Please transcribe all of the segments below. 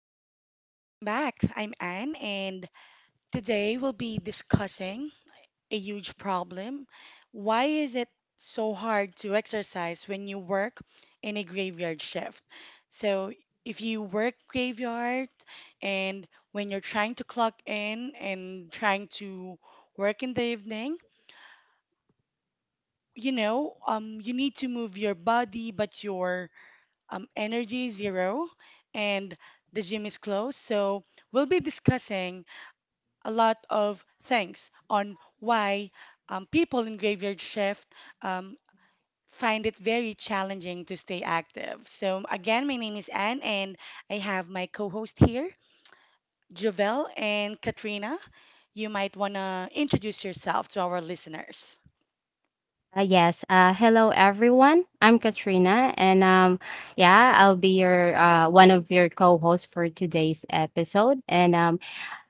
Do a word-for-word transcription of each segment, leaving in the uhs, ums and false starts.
Hey, welcome back. I'm Anne, and today we'll be discussing a huge problem. Why is it so hard to exercise when you work in a graveyard shift? So, if you work graveyard and when you're trying to clock in and trying to work in the evening, you know, um, you need to move your body, but your um, energy is zero, and the gym is closed. So, we'll be discussing a lot of things on why um, people in graveyard shift um, find it very challenging to stay active. So, again, my name is Anne, and I have my co host here, Javel and Katrina. You might want to introduce yourself to our listeners. Uh, yes. Uh, hello, everyone. I'm Katrina, and um, yeah, I'll be your uh, one of your co-hosts for today's episode. And um,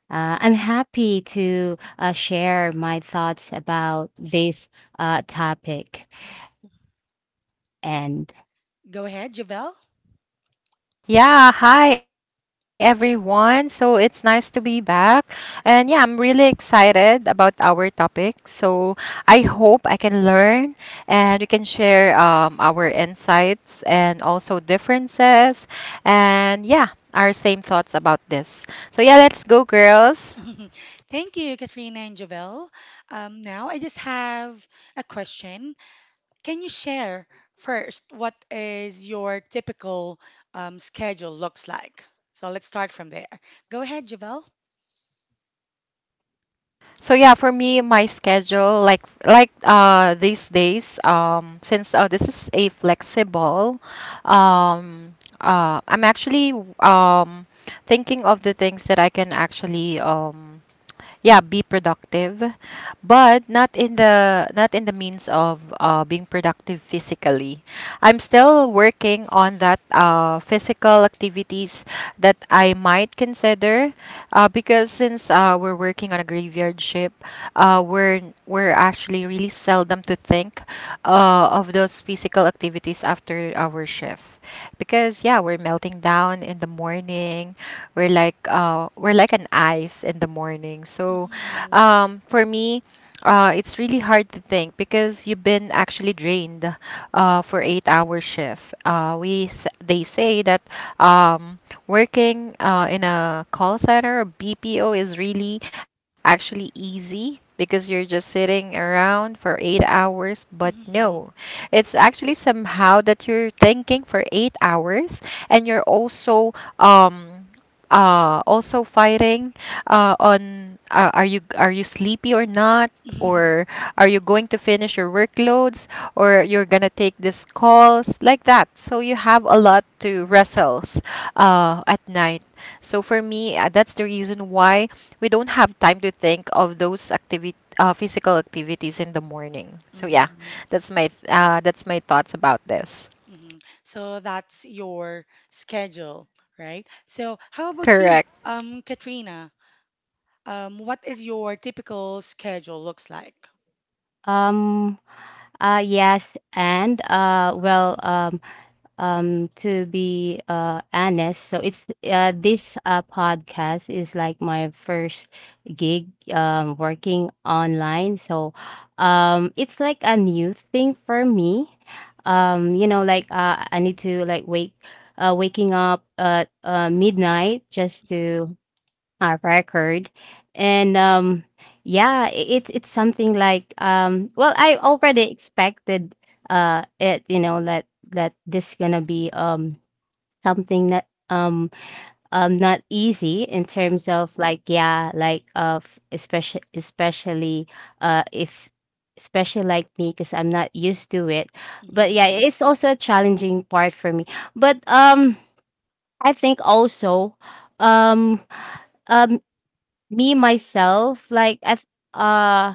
uh, I'm happy to uh, share my thoughts about this uh, topic. And Go ahead, Javel. Yeah, hi everyone. So it's nice to be back. And yeah, I'm really excited about our topic. So I hope I can learn and we can share um, our insights and also differences and yeah, our same thoughts about this. So yeah, let's go, girls. Thank you, Katrina and Javel. Um, now, I just have a question. Can you share first what is your typical um, schedule looks like? So let's start from there. Go ahead, Javel. So yeah, for me, my schedule like like uh these days um since uh, this is a flexible um uh I'm actually um thinking of the things that I can actually um yeah be productive but not in the not in the means of uh, being productive physically. I'm still working on that uh, physical activities that I might consider uh, because since uh, we're working on a graveyard ship. Uh, we're we're actually really seldom to think uh, of those physical activities after our shift because yeah we're melting down in the morning. We're like uh we're like an ice in the morning. So Mm-hmm. um for me uh, it's really hard to think because you've been actually drained uh, for eight hour shift. Uh, we s- they say that um, working uh, in a call center or B P O is really actually easy because you're just sitting around for eight hours. But Mm-hmm. no, it's actually somehow that you're thinking for eight hours and you're also um, uh also fighting uh on uh, are you are you sleepy or not, Mm-hmm. or are you going to finish your workloads, or you're going to take these calls like that, so you have a lot to wrestles uh at night. So for me uh, that's the reason why we don't have time to think of those activity uh, physical activities in the morning. So yeah, Mm-hmm. that's my uh that's my thoughts about this. Mm-hmm. So that's your schedule, right? So how about you, Correct. um, Katrina? Um, what is your typical schedule looks like? um, uh, yes, and uh, well, um, um to be uh honest, so it's uh this uh podcast is like my first gig, um working online. So um it's like a new thing for me. Um you know, like, uh I need to like wake uh waking up at uh midnight just Mm-hmm. to I've record. And um yeah, i- it's it's something like, um well, I already expected uh it, you know, that that this gonna be um something that, um um not easy in terms of, like, yeah, like of especially especially uh if especially like me, because I'm not used to it. But Exactly. yeah, it's also a challenging part for me. But um I think also, um um me myself, like, at uh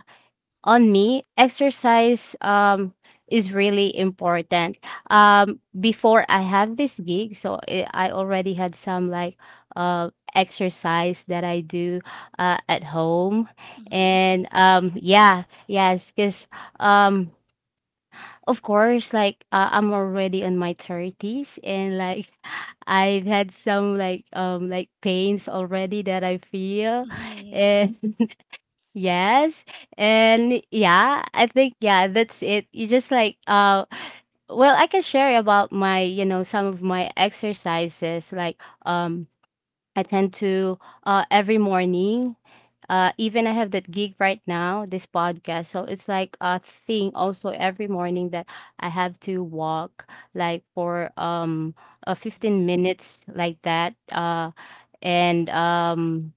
on me, exercise um is really important. Um before I have this gig, so i I already had some, like, uh exercise that I do uh at home. Mm-hmm. And um yeah, yes, because um of course, like, uh, I'm already in my thirties, and like, I've had some, like, um like, pains already that I feel Mm-hmm. and Yes. And yeah, I think, yeah, that's it. You just like, uh well, I can share about my, you know, some of my exercises, like, um I tend to, uh every morning, uh even I have that gig right now, this podcast. So it's like a thing also every morning that I have to walk, like, for um uh, fifteen minutes, like that. Uh and um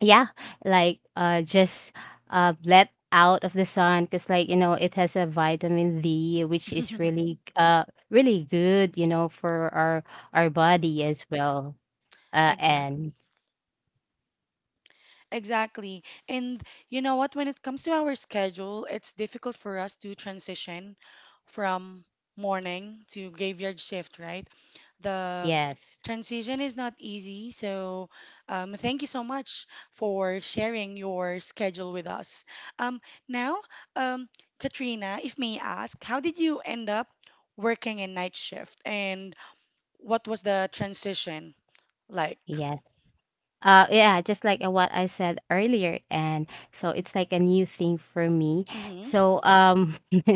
yeah, like, uh just uh let out of the sun, because like, you know, it has a vitamin D, which is Mm-hmm. really uh really good, you know, for our our body as well. Uh and Exactly. Exactly. And you know what? When it comes to our schedule, it's difficult for us to transition from morning to graveyard shift, right? The yes. transition is not easy. So, um, thank you so much for sharing your schedule with us. Um, now, um, Katrina, if may I ask, how did you end up working a night shift and what was the transition like? Yes. Uh, yeah, just like, uh, what I said earlier, and so it's like a new thing for me. Mm-hmm, So um,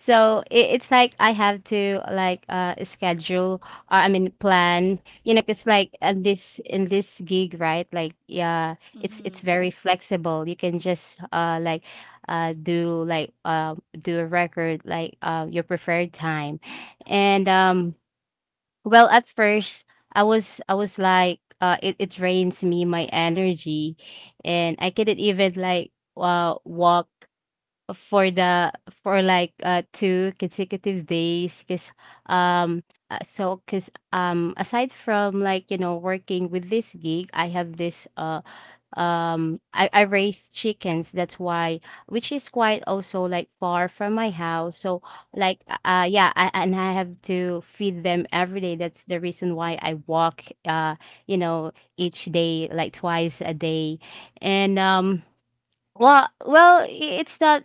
so it, it's like I have to, like, uh schedule, or I mean, plan, you know, because, like, uh, this in this gig, right? Like, yeah, it's it's mm-hmm, very flexible. You can just uh like, uh do, like, um do a record, like, uh, your preferred time, and um. Well, at first, I was I was like, uh, it it drains me, my energy, and I couldn't even, like, uh walk for the for, like, uh two consecutive days, because um uh, so because, um aside from, like, you know, working with this gig, I have this uh um I, I raise chickens, that's why, which is quite also, like, far from my house, so like uh uh, yeah, I, and I have to feed them every day, that's the reason why I walk, uh you know, each day, like twice a day. And um well, well, i- it's not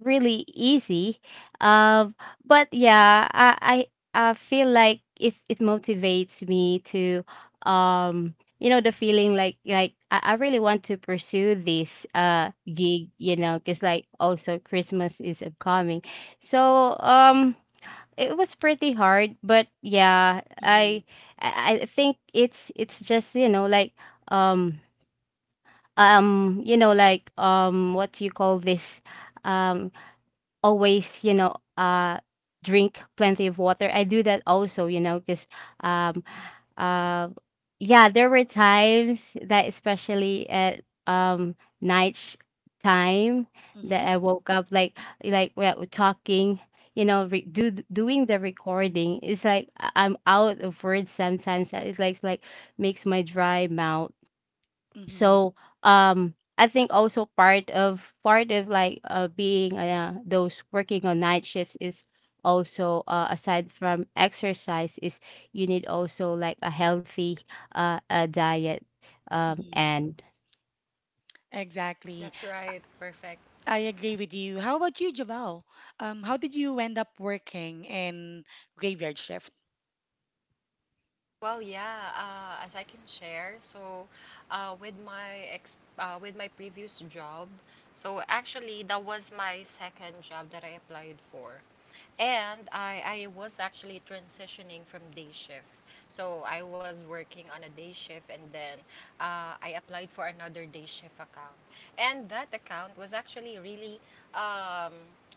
really easy. Um, but yeah, I, I I feel like it it motivates me to, um you know, the feeling, like, like I, I really want to pursue this uh gig, you know, because, like, also Christmas is upcoming, so um it was pretty hard, but yeah, mm-hmm, I I I think it's it's just, you know, like, um um you know, like, um what do you call this, um always, you know, uh drink plenty of water, I do that also, you know, because, um uh yeah, there were times that, especially at, um night sh- time, mm-hmm. that I woke up, like, like we're talking, you know, re- do doing the recording, it's like, I- I'm out of words sometimes, it's like it's like makes my dry mouth. Hmm. So um I think also, part of part of like, uh being uh those working on night shifts, is also uh aside from exercise, is you need also, like, a healthy uh a diet, um Hmm. and Exactly. That's I right. Perfect. I agree with you. How about you, Javel? Um, how did you end up working in graveyard shift? Well, yeah, uh, as I can share, so uh, with my ex uh, with my previous job, so actually that was my second job that I applied for. And I, I was actually transitioning from day shift. So I was working on a day shift, and then uh, I applied for another day shift account. And that account was actually really, um,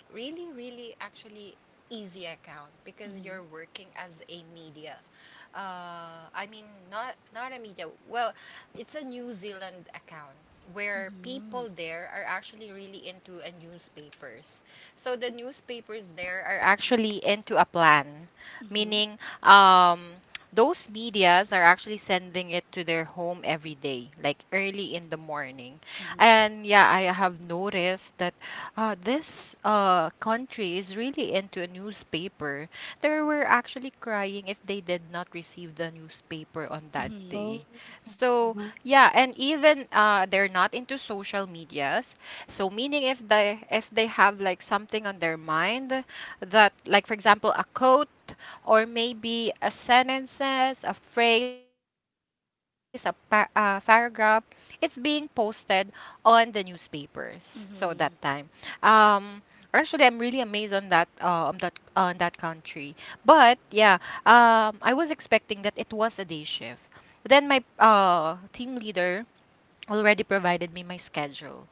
really, really actually easy account because Mm-hmm. you're working as a media uh, I mean, not not a media. Well, it's a New Zealand account where Mm-hmm. people there are actually really into a newspapers. So the newspapers there are actually into a plan, meaning um those medias are actually sending it to their home every day, like early in the morning. Mm-hmm. And yeah, I have noticed that uh, this uh, country is really into a newspaper. They were actually crying if they did not receive the newspaper on that Mm-hmm. oh, day. So mhm, yeah, and even uh, they're not into social medias. So meaning if they if they have like something on their mind, that like for example a quote, or maybe a sentences, a phrase, a, pa- a paragraph. It's being posted on the newspapers. So that time, Mm-hmm. um, actually, I'm really amazed on that uh, on that on that country. But yeah, um, I was expecting that it was a day shift. Then my uh, team leader already provided me my schedule.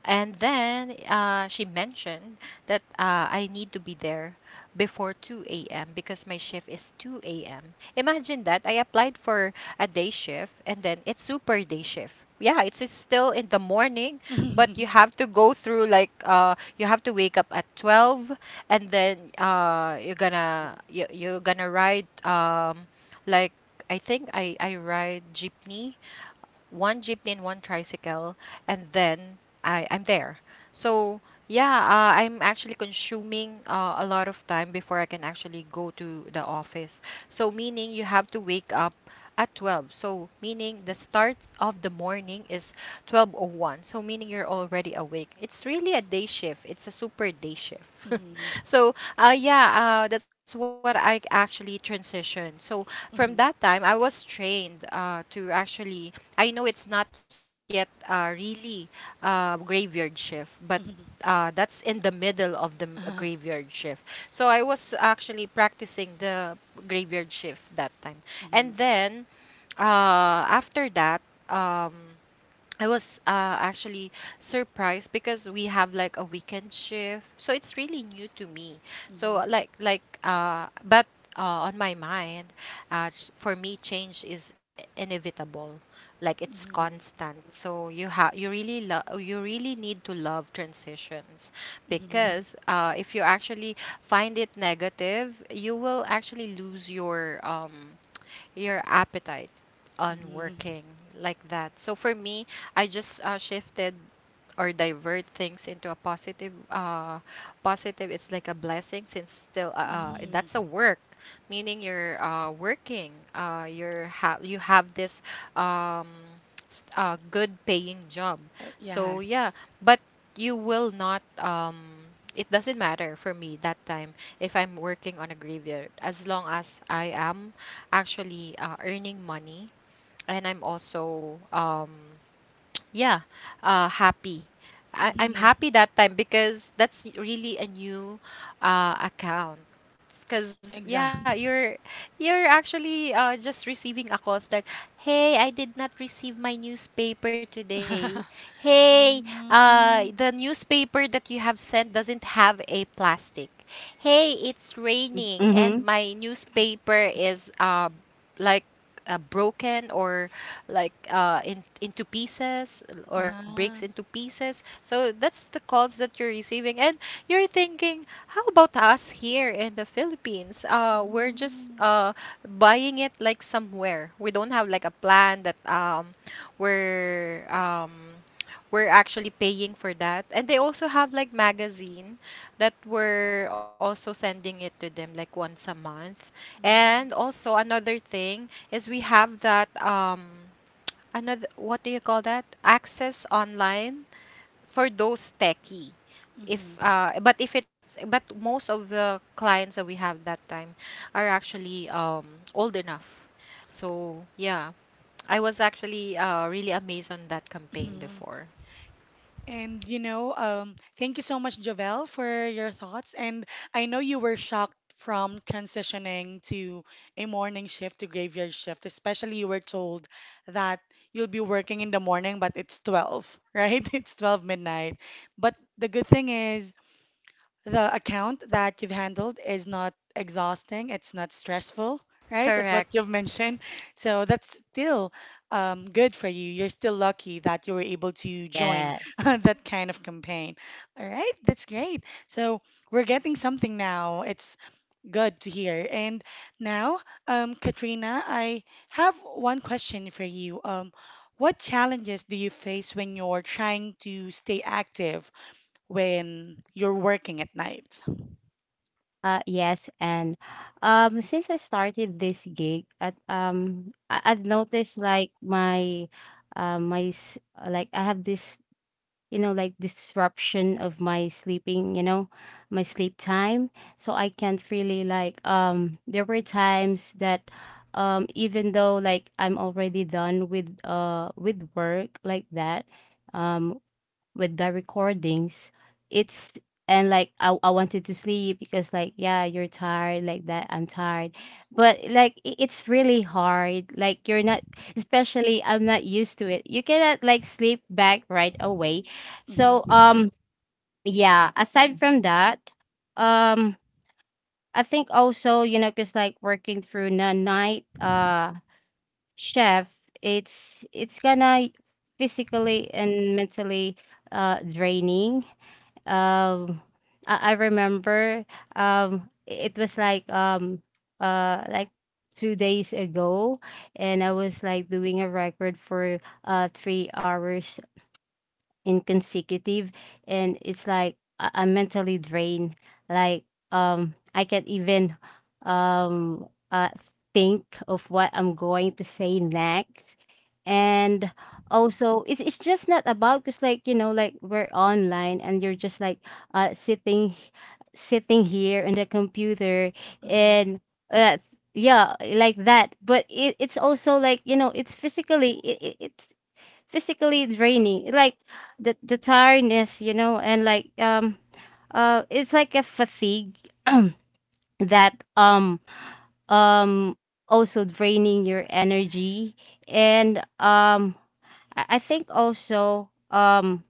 And then uh, she mentioned that uh, I need to be there before two a m because my shift is two a m. Imagine that. I applied for a day shift, and then it's super day shift. Yeah, it's, it's still in the morning, but Mm-hmm. you have to go through like uh, you have to wake up at twelve, and then uh, you're gonna you, you're gonna ride um, like I think I, I ride jeepney, one jeepney and one tricycle, and then I I'm there. So yeah, uh, I'm actually consuming uh, a lot of time before I can actually go to the office. So meaning you have to wake up at twelve. So meaning the start of the morning is twelve oh one. So meaning you're already awake. It's really a day shift. It's a super day shift. So uh, uh, yeah, uh, that's what I actually transitioned. So from that Mm-hmm. time, I was trained uh, to actually, I know it's not yet uh, really uh, graveyard shift, but Mm-hmm. Mm-hmm. uh, Mm-hmm. that's in the middle of the m- uh, Uh-huh. graveyard shift. So I was actually practicing the graveyard shift that time. And Mm-hmm. then uh, after that, um, I was uh, actually surprised because we have like a weekend shift, so it's really new to me. So Mm-hmm. like like uh, but uh, On my mind, uh, ch- for me, change is inevitable. Like it's Mm-hmm. constant. So you have you really love you really need to love transitions, Mm-hmm. because uh, if you actually find it negative, you will actually lose your um your appetite on Mm-hmm. working like that. So for me, I just uh, shifted or divert things into a positive uh positive. It's like a blessing since still uh uh, that's a Mm-hmm. work, meaning you're uh working uh you're ha- you have this um s- uh, good paying job. Uh, so yeah, yes. but you will not um it doesn't matter for me that time if I'm working on a graveyard, as long as I am actually uh, earning money and I'm also um yeah uh happy. I, I'm Mm-hmm. happy that time because that's really a new uh account. Cause yeah, Exactly. you're you're actually uh just receiving a call that, hey, I did not receive my newspaper today. Hey, uh Mm-hmm. the newspaper that you have sent doesn't have a plastic. Hey, it's mhm, raining and mhm. my newspaper is uh like uh, broken, or like uh, in, into pieces, or breaks Uh-huh. into pieces. So that's the calls that you're receiving. And you're thinking, how about us here in the Philippines? Uh, we're just Mm-hmm. uh, buying it like somewhere. We don't have like a plan that um, we're. Um, we're actually paying for that. And they also have like magazine that we're also sending it to them like once a month. Mm-hmm. And also another thing is we have that um another, what do you call that? Access online for those techie. If Mm-hmm. uh but if it's, but most of the clients that we have that time are actually um old enough. So yeah. I was actually uh, really amazed on that campaign Mhm. before. And you know, um, thank you so much, Jovel, for your thoughts. And I know you were shocked from transitioning to a morning shift to graveyard shift, especially you were told that you'll be working in the morning, but it's twelve, right? It's twelve midnight. But the good thing is the account that you've handled is not exhausting, it's not stressful, right? That's what Correct. you've mentioned. So that's still um, good for you. You're still lucky that you were able to join Yes. that kind of campaign. All right, that's great. So we're getting something now. It's good to hear. And now, um, Katrina, I have one question for you. Um, what challenges do you face when you're trying to stay active when you're working at night? Uh yes. And um since I started this gig, at um I, I've noticed like my, um my s- like, I have this, you know, like, disruption of my sleeping, you know, my sleep time. So I can't really, like, um there were times that, um even though, like, I'm already done with uh with work, like that, um with the recordings, it's and like, I, I wanted to sleep because, like, yeah, you're tired, like that, I'm tired. But like, i- it's really hard, like, you're not especially I'm not used to it, you cannot, like, sleep back right away. So Mhm. um yeah, aside from that, um I think also, you know, because, like, working through the night, uh chef, it's it's gonna, physically and mentally, uh draining. um I, I remember, um it was like, um uh like, two days ago, and I was like doing a record for uh three hours in consecutive, and it's like, I- I'm mentally drained, like, um I can't even, um uh, think of what I'm going to say next. And also, it's, it's just not about, because, like, you know, like, we're online and you're just like, uh sitting sitting here in the computer, Mhm. and uh yeah, like that, but it, it's also, like, you know, it's physically, it, it, it's physically draining, like, the the tiredness, you know, and like, um uh it's like a fatigue that, um um also draining your energy, and um i I think also, um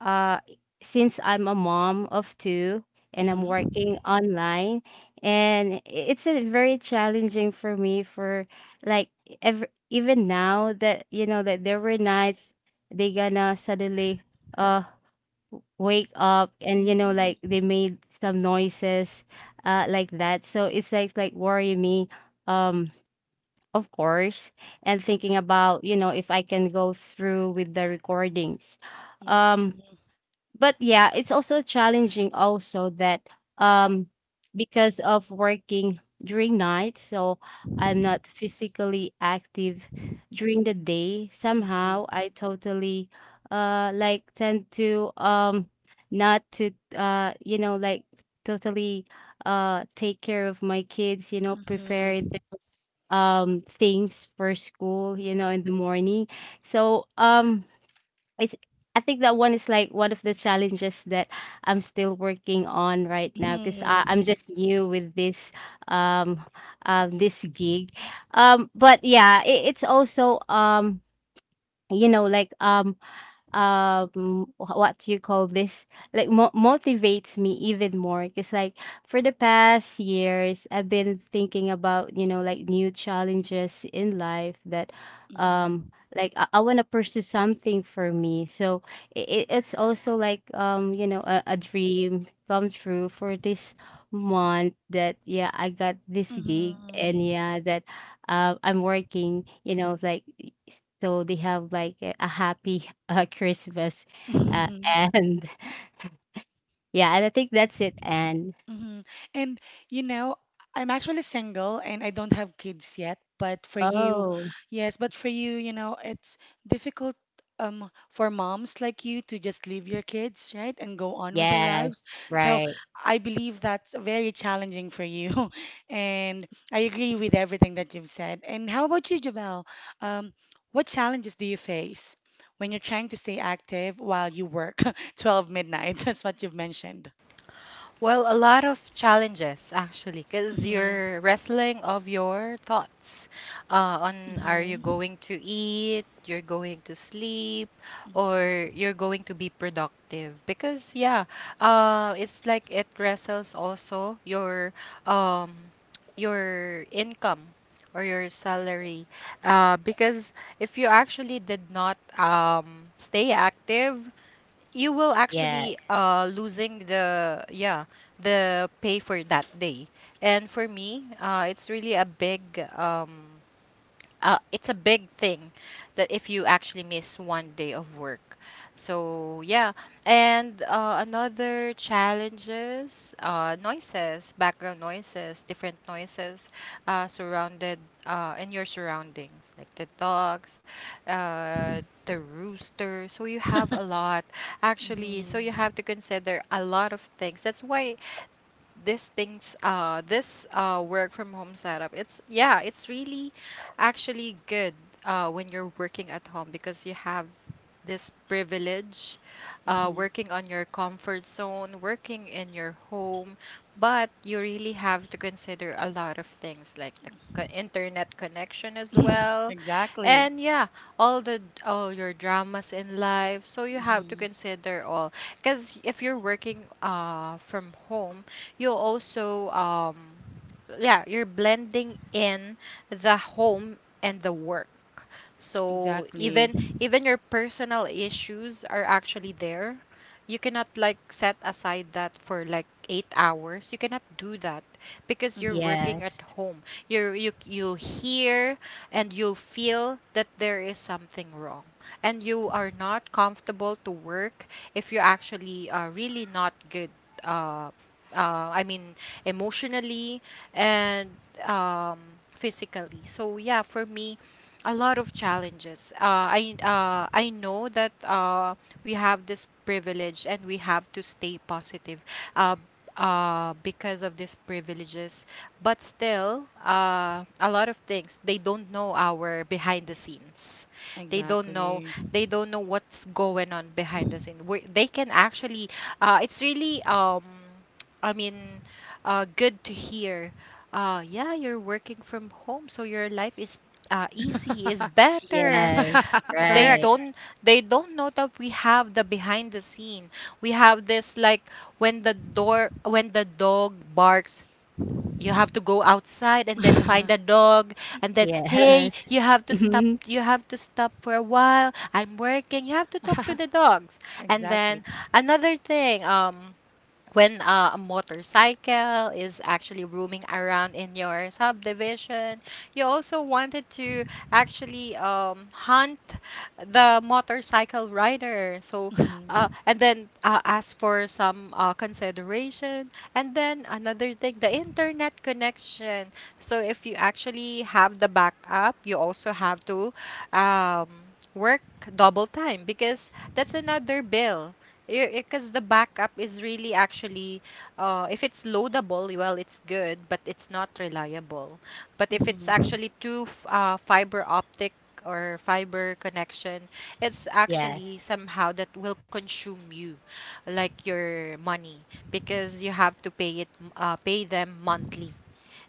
uh, since I'm a mom of two, and I'm working Mhm. online, and i- it's a very challenging for me, for, like, ever even now, that, you know, that there were nights, they gonna suddenly uh wake up and, you know, like, Mm. they made some noises, uh like that, so it's like, like worry me, um of course, and thinking about, you know, if I can go through with the recordings, um Mm. but yeah, it's also challenging also that, um because of working during night, so I'm not physically active during the day. Mhm. Somehow I totally, uh like, tend to, um not to, uh you know, like, totally uh take care of my kids, you know, Mhm. prepare the, um things for school, you know, in the morning. So um it's I think that one is, like, one of the challenges that I'm still working on right now, because Mhm. I'm just new with this, um um this gig. Um but yeah, it, it's also, um you know, like, um um wh- what do you call this, like, mo- motivates me even more, because, like, for the past years, I've been thinking about, you know, like, new challenges in life, that, um Mhm. like, i, I want to pursue something for me, so it, it's also like, um you know, a, a dream come true for this month, that yeah, I got this gig, and Mhm. yeah, that, uh, I'm working, you know, like, so they have like a a happy uh, Christmas. Uh, Mhm. and yeah, and I think that's it. And Hmm. And you know, I'm actually single and I don't have kids yet, but for you, oh, yes, but for you, you know, it's difficult um for moms like you to just leave your kids, right, and go on with their lives. yes, So right. I believe that's very challenging for you. And I agree with everything that you've said. And how about you, Javel? Um, what challenges do you face when you're trying to stay active while you work twelve midnight? That's what you've mentioned. Well, a lot of challenges actually, because you're wrestling of your thoughts uh, on, are you Mm-hmm. going to eat, you're going to sleep, Mm-hmm. or you're going to be productive? Because yeah, uh, it's like it wrestles also your um, your income or your salary. Uh, because if you actually did not um, stay active, you will actually Yes, uh losing the, yeah, the pay for that day. And for me uh it's really a big um uh, it's a big thing that if you actually miss one day of work. So yeah, and uh, another challenges, uh, noises, background noises, different noises, uh, surrounded uh, in your surroundings, like the dogs, uh, the rooster. So you have a lot actually. So you Mm-hmm. have to consider a lot of things. That's why this things uh this uh work from home setup, it's yeah it's really actually good uh when you're working at home, because you have this privilege, uh, Mm-hmm. working on your comfort zone, working in your home, but you really have to consider a lot of things, like the co- internet connection as well, Exactly. and yeah, all the, all your dramas in life, so you have to Mm-hmm. consider all. Because if you're working uh from home, you'll also um yeah, you're blending in the home and the work. So Exactly. even even your personal issues are actually there. You cannot like set aside that for like eight hours. You cannot do that because you're Mm-hmm. working at yes, home. You you you'll hear and you'll feel that there is something wrong. And you are not comfortable to work if you're actually uh, really not good uh uh, I mean, emotionally and um, physically. So yeah, for me, a lot of challenges. Uh, I uh, I know that uh, we have this privilege and we have to stay positive. Uh, uh, because of these privileges, but still, uh, a lot of things, they don't know our behind the scenes. They don't know. Exactly. They don't know what's going on behind the scene. We they can actually. Uh, it's really um I mean, uh, good to hear. Uh, yeah, you're working from home, so your life is uh, easy, is better. yes, They Correct. right. don't they don't know that we have the behind the scene. We have this like, when the door when the dog barks, you have to go outside and then find a dog, and then hey, Yes, you have to stop hmm, you have to stop for a while. I'm working. You have to talk to the dogs. And then Exactly. another thing, um when uh, a motorcycle is actually roaming around in your subdivision, you also wanted to actually um, hunt the motorcycle rider. So uh, Mm-hmm. and then uh, ask for some uh, consideration. And then another thing, the internet connection. So if you actually have the backup, you also have to um, work double time because that's another bill, because the backup is really actually uh, if it's loadable, well, it's good, but it's not reliable. But if it's Mm-hmm. actually two f- uh, fiber optic or fiber connection, it's yes. actually somehow that will consume you, like your money, because you have to pay it, uh, pay them monthly.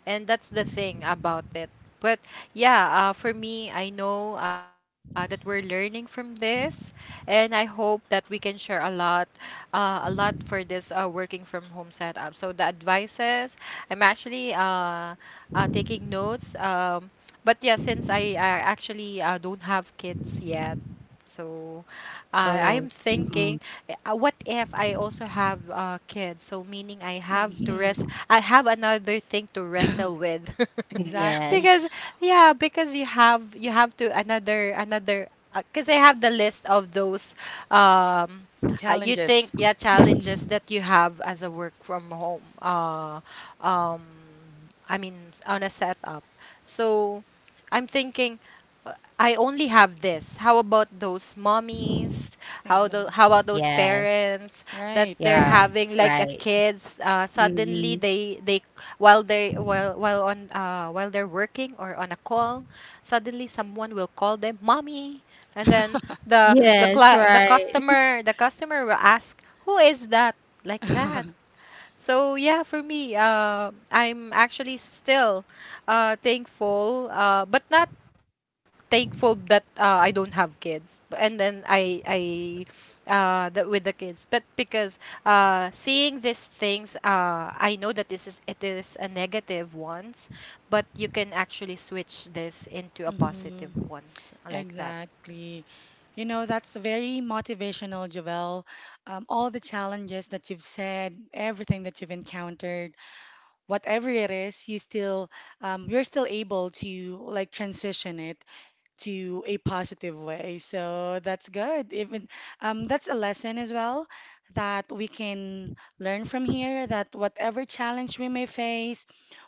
And that's the thing about it. But yeah, uh, for me, I know uh, that we're learning from this, and I hope that we can share a lot, uh, a lot for this uh, working from home setup, so the advices. I'm actually uh, uh, taking notes um, But yeah, since i, I actually uh, don't have kids yet, so uh, I Oh, am mm, thinking, uh, what if I also have uh, kids? So meaning I Ex- have to mhm. rest. I have another thing to wrestle with, yes, Exactly. because yeah, because you have you have to another another. Because I have the list of those. Um, uh, you Challenges. think, yeah, challenges Mhm. that you have as a work from home. Uh, I mean, on a setup. So I'm thinking, I only have this. How about those mommies? How do, Exactly. how about those yes, parents that Right. they're yes, having like a right. kids? Uh, suddenly Mm, they they while they while while on uh, while they're working or on a call, suddenly someone will call them mommy. And then the the yes, cla the right. customer the customer will ask, "Who is that?" Like that. So yeah, for me, uh, I'm actually still uh, thankful, uh, but not thankful that uh, I don't have kids. B- And then I I uh, that with the kids, but because uh, seeing these things, uh, I know that this is it is a negative ones, but you can actually switch this into a Mm-hmm. positive ones, like that. Exactly. You know, that's very motivational, Joelle. Um, all the challenges that you've said, everything that you've encountered, whatever it is, you still, um, you're still able to like transition it to a positive way. So that's good. Even um, that's a lesson as well that we can learn from here that whatever challenge we may face,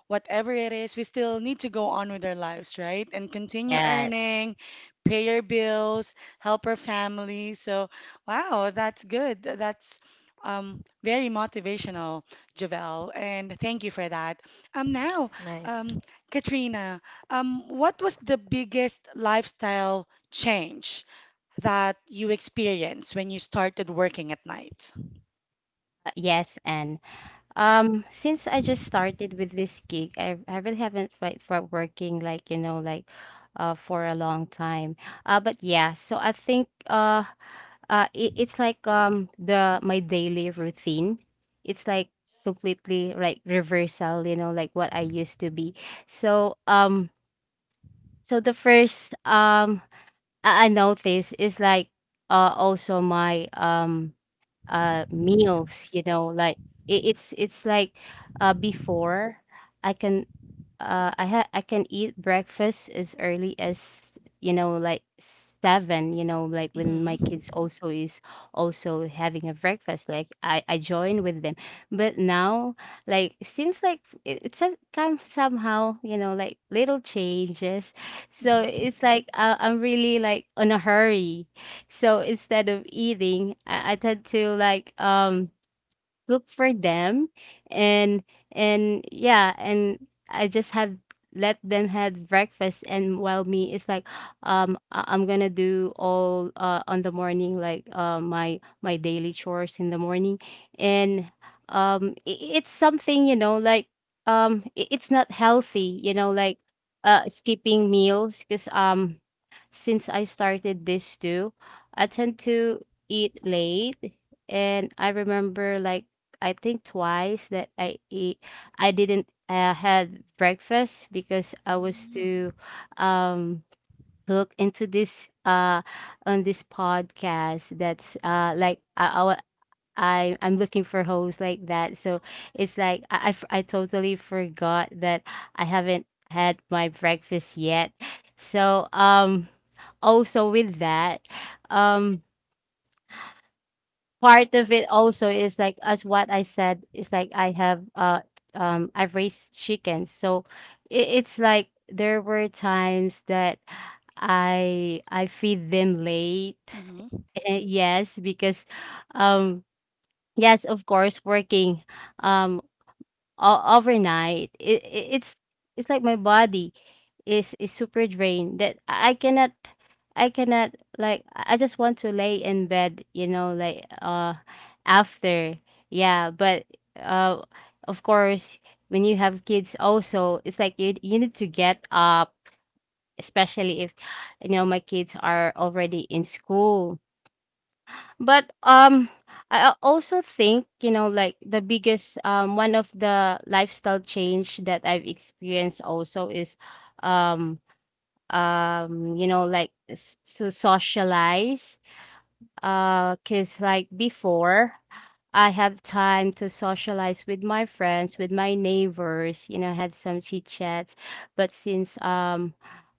whatever it is, we still need to go on with our lives, right? And continue Yes. earning, pay your bills, help our family. So, wow, that's good. That's um, very motivational, Javel, and thank you for that. Um, now, um, Nice. Katrina. Um, what was the biggest lifestyle change that you experienced when you started working at night? Uh, yes. And Um, since I just started with this gig, I I really haven't tried for working, like, you know, like, uh for a long time. Uh but yeah, so I think, uh uh it, it's like, um the my daily routine. It's, like, completely like reversal, you know, like what I used to be. So um so the first, um I, I noticed, is like uh also my, um uh meals, you know, like, it, it's it's like, uh before i can uh i ha- I can eat breakfast as early as, you know, like, seven, you know, like, when my Mm-hmm. kids also is also having a breakfast, like i i join with them. But now, like, it seems like it, it's a come somehow, you know, like, little changes, so Mm-hmm. it's like, uh, I'm really, like, on a hurry, so instead of eating, I, I tend to, like, um look for them, and and yeah, and I just have let them have breakfast, and while me is like, um I- I'm gonna do all uh on the morning, like, uh my my daily chores in the morning, and um I it's something, you know, like, um i- it's not healthy, you know, like, uh skipping meals, because um since I started this too, I tend to eat late, and I remember, like, I think twice that I eat I didn't, uh, had breakfast, because I was too um hooked into this, uh on this podcast, that's, uh like, I, I I'm looking for hosts, like that. So it's like I I f- I totally forgot that I haven't had my breakfast yet. So um also with that, um part of it also is like, as what I said, is like I have uh um I've raised chickens. So it, it's like there were times that I I feed them late. Mm-hmm. Yes, because um yes, of course, working um o- overnight. It, it's it's like my body is is super drained that I cannot I cannot like I I just want to lay in bed, you know, like uh after. Yeah, but uh of course, when you have kids also, it's like you you need to get up, especially if, you know, my kids are already in school. But um I a- also, think, you know, like the biggest, um one of the lifestyle change that I've experienced also is, um um you know, like s- to socialize, uh cuz like before, I have time to socialize with my friends, with my neighbors, you know, had some chit chats. But since um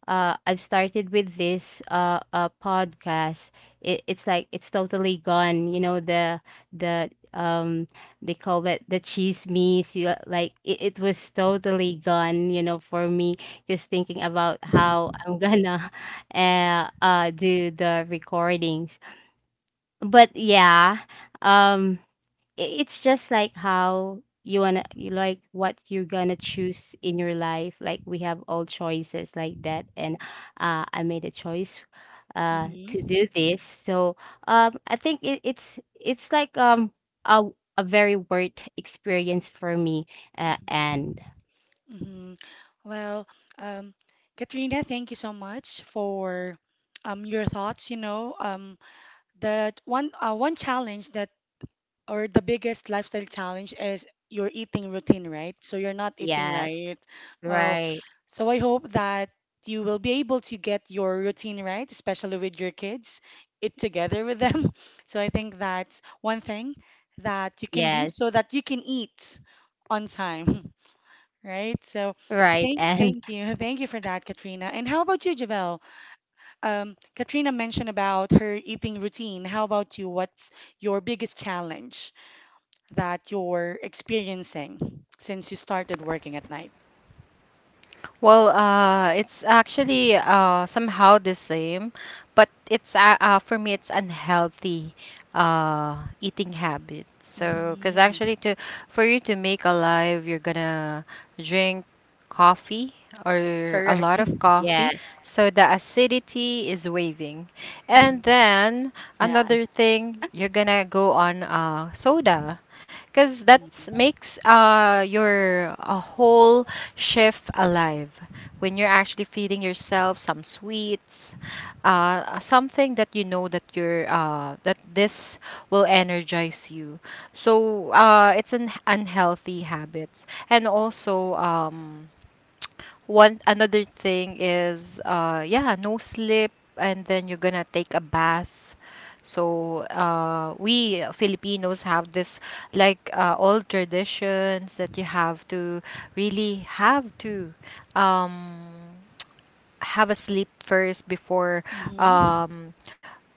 uh I've started with this uh uh podcast, it, it's like it's totally gone, you know, the the um they call it the cheese me's, you like, it, it was totally gone, you know, for me, just thinking about how Mm-hmm. I'm gonna uh uh do the recordings. But yeah, um i- it's just like how you wanna you like what you're gonna choose in your life, like we have all choices like that. And uh I made a choice uh to do this. So um I think it, it's it's like um a a very worth experience for me. uh, Mm-hmm. And Mm-hmm. Well, um, Katrina, thank you so much for um, your thoughts. You know, um, that one uh, one challenge that or the biggest lifestyle challenge is your eating routine, right? So you're not eating yes, right. Oh, right. so I hope that you will be able to get your routine right, especially with your kids, eat together with them. So I think that's one thing that you can do so Yes, that you can eat on time, right? So right. thank And thank you. Thank you for that, Katrina. And how about you, Javel? Um, Katrina mentioned about her eating routine. How about you? What's your biggest challenge? That you're experiencing since you started working at night. Well, uh, it's actually uh, somehow the same, but it's uh, uh, for me, it's unhealthy uh, eating habit. So, because Hmm. actually to for you to make alive, you're gonna drink coffee or a Correct. lot of coffee, yes, so the acidity is waving. And Mhm, then another yes, thing, you're gonna go on uh, soda, because that makes uh your a whole shift alive. When you're actually feeding yourself some sweets, uh uh, something that you know that you're uh that this will energize you. So uh it's an unhealthy habits. And also um one another thing is uh yeah, no sleep. And then you're gonna take a bath. So uh, we Filipinos have this like uh, old traditions that you have to really have to have a sleep first before mhm, um,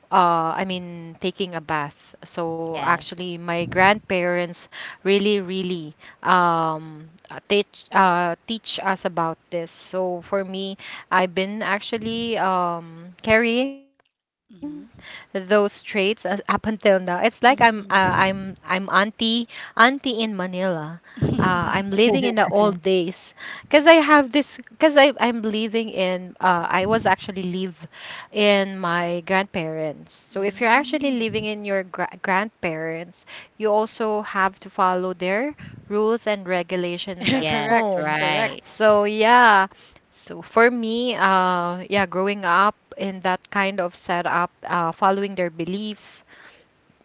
uh, I mean, taking a bath. So yes. actually, my grandparents really, really um, uh, teach uh, teach us about this. So for me, I've been actually um, carrying those mhm, traits as, up until now. It's like I'm uh, I'm I'm mhm, auntie auntie in Manila. Uh, I'm living mhm. in the old days because I have this because I I'm living in uh, I was actually living in my grandparents. So if you're actually Mm. living in your gra- grandparents, you also have to follow their rules and regulations at Yes, Correct, home. correct. right, So yeah, so for me, uh, yeah, growing up in that kind of setup, uh, following their beliefs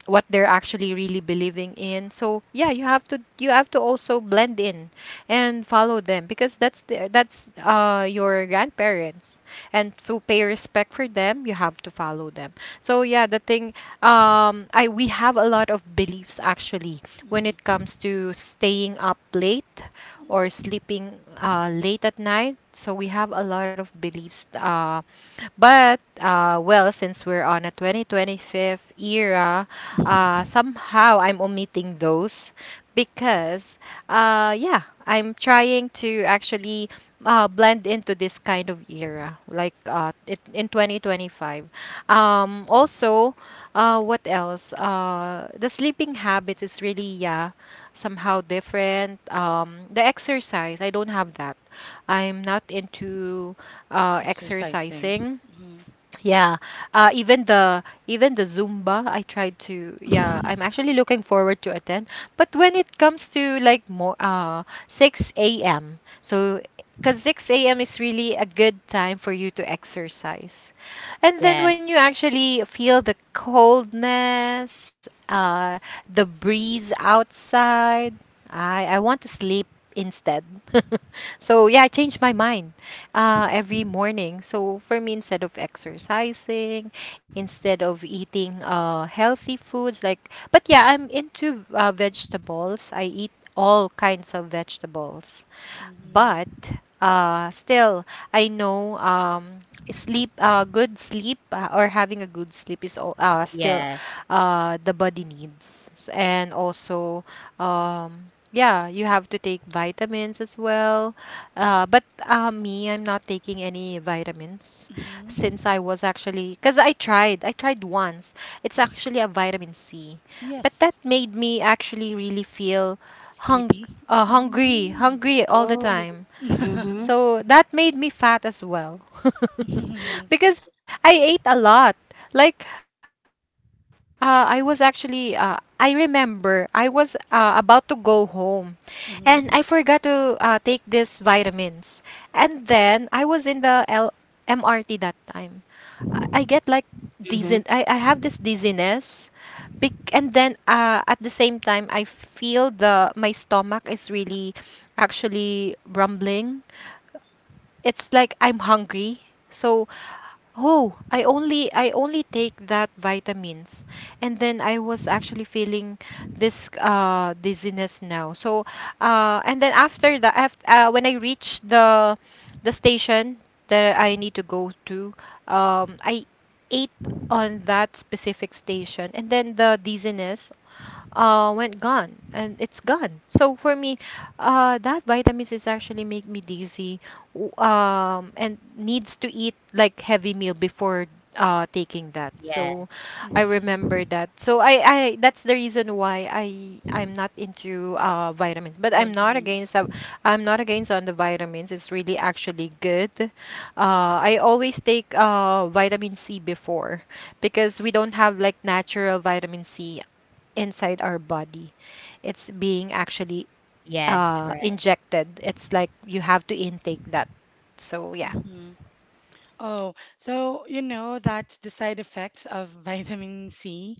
what they're actually really believing in. So yeah, you have to you have to also blend in and follow them, because that's the, that's uh your grandparents, and to pay respect for them, you have to follow them. So yeah, the thing, um I we have a lot of beliefs actually when Mhm, it comes to staying up late or mhm, sleeping uh late at night. So we have a lot of beliefs, uh but uh, well, since we're on a twenty twenty-five era, uh, mhm. somehow I'm omitting those, because uh, yeah, I'm trying to actually uh, blend into this kind of era, like uh, it, in twenty twenty-five. Um, also, uh, what else? Uh, the sleeping habits is really, yeah, somehow different. Um, the exercise, I don't have that. I'm not into uh, Exercising. exercising, Mhm, yeah. Uh, even the even the Zumba, I tried to. Yeah, I'm mhm, actually looking forward to attend. But when it comes to like more uh six a m. So because six a m is really a good time for you to exercise. And then yes, when you actually feel the coldness, uh, the breeze outside, I I want to sleep instead. So yeah, I changed my mind uh, every morning. So for me, instead of exercising, instead of eating uh, healthy foods, like, but yeah, I'm into uh, vegetables. I eat all kinds of vegetables. But mhm, uh, still, I know um, sleep, uh, good sleep, uh, or having a good sleep is al- uh, still, yes. uh, the body needs. S- And also, um, yeah, you have to take vitamins as well. Uh, but uh, me, I'm not taking any vitamins since mhm. I was actually, because I tried, I tried once. It's actually a vitamin C. But that Yes, made me actually really feel hung sleepy. uh, hungry, Mm. hungry all the Oh. time. Mhm, So that made me fat as well Mhm, because I ate a lot. Like uh, I was actually uh, I remember I was uh, about to go home and I forgot to uh, mhm, take these vitamins. And then I was in the L- M R T that time. I, I get like dizzy, I, I mhm. have this dizziness. Bec- and then uh, At the same time, I feel the my stomach is really actually rumbling. It's like I'm hungry. So, oh, I only I only take that vitamins, and then I was actually feeling this uh dizziness now. So, uh and then after the af uh, when I reached the the station that I need to go to, um I ate on that specific station, and then the dizziness uh, went gone, and it's gone. So for me, uh, that vitamins is actually make me dizzy, w- um, and needs to eat like heavy meal before uh, taking that. So Yes. I mhm. remember that. So I, I that's the reason why I I'm not into uh, vitamins. But I'm not against Vitamins. uh, I'm not against on the vitamins. It's really actually good. Uh, I always take uh, vitamin C before, because we don't have like natural vitamin C inside our body. It's being actually Yes, uh, right. injected. It's like you have to intake that. So, yeah. Mhm. Oh, so you know that's the side effects of vitamin C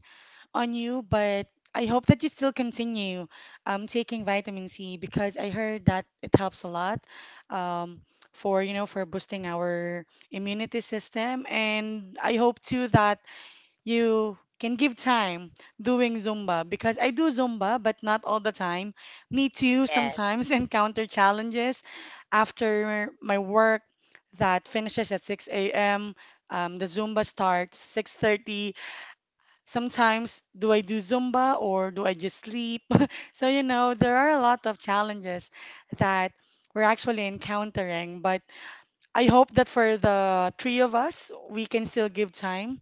on you, but I hope that you still continue um, taking vitamin C because I heard that it helps a lot um, for you know for boosting our immunity system, and I hope too that you can give time doing Zumba because I do Zumba, but not all the time. Me too, Yes, sometimes encounter challenges after my work that finishes at six a m. Um, the Zumba starts six thirty. Sometimes do I do Zumba or do I just sleep? So, you know, there are a lot of challenges that we're actually encountering, but I hope that for the three of us, we can still give time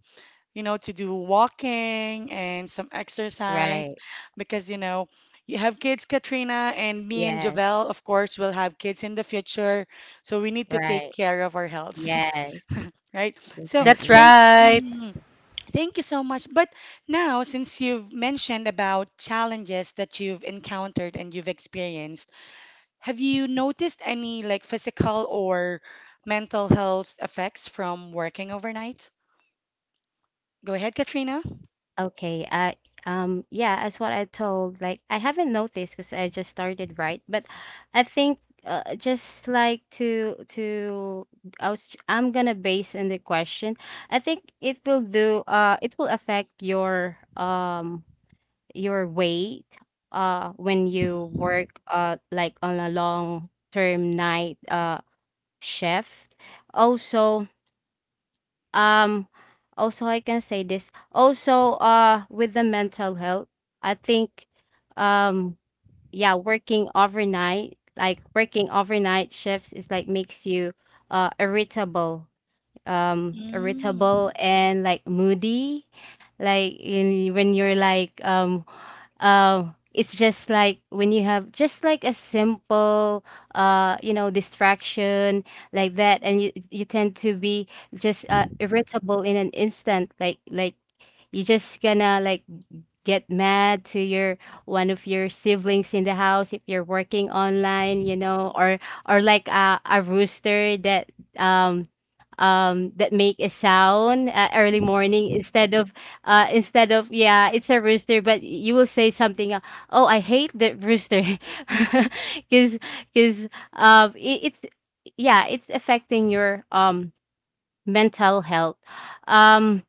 you know, to do walking and some exercise right. because, you know, you have kids, Katrina, and me and Yes, Javel, of course, will have kids in the future. So we need to take right. care of our health, Yes, right? So That's definitely. thank, right. mhm, thank you so much. But now, since you've mentioned about challenges that you've encountered and you've experienced, have you noticed any like physical or mental health effects from working overnight? Go ahead, Katrina. Okay. Uh, um, yeah, as what I told, like I haven't noticed because I just started, right? But I think, uh, just like to to I was I'm gonna base on the question. I think it will do, uh it will affect your um your weight uh when you Mhm. work uh like on a long term night uh shift. Also, um also I can say this also uh with the mental health. I think um yeah, working overnight like working overnight shifts is like makes you uh irritable, um Mm. irritable and like moody, like in, when you're like, um uh, it's just like when you have just like a simple, uh you know, distraction like that, and you you tend to be just, uh, irritable in an instant, like like you just gonna like get mad to your one of your siblings in the house if you're working online, you know, or or like a, a rooster that um um that make a sound, uh, early morning Hmm. instead of uh instead of yeah, it's a rooster, but you will say something, uh, oh, I hate the rooster. because because um it, it's, yeah, it's affecting your um mental health. um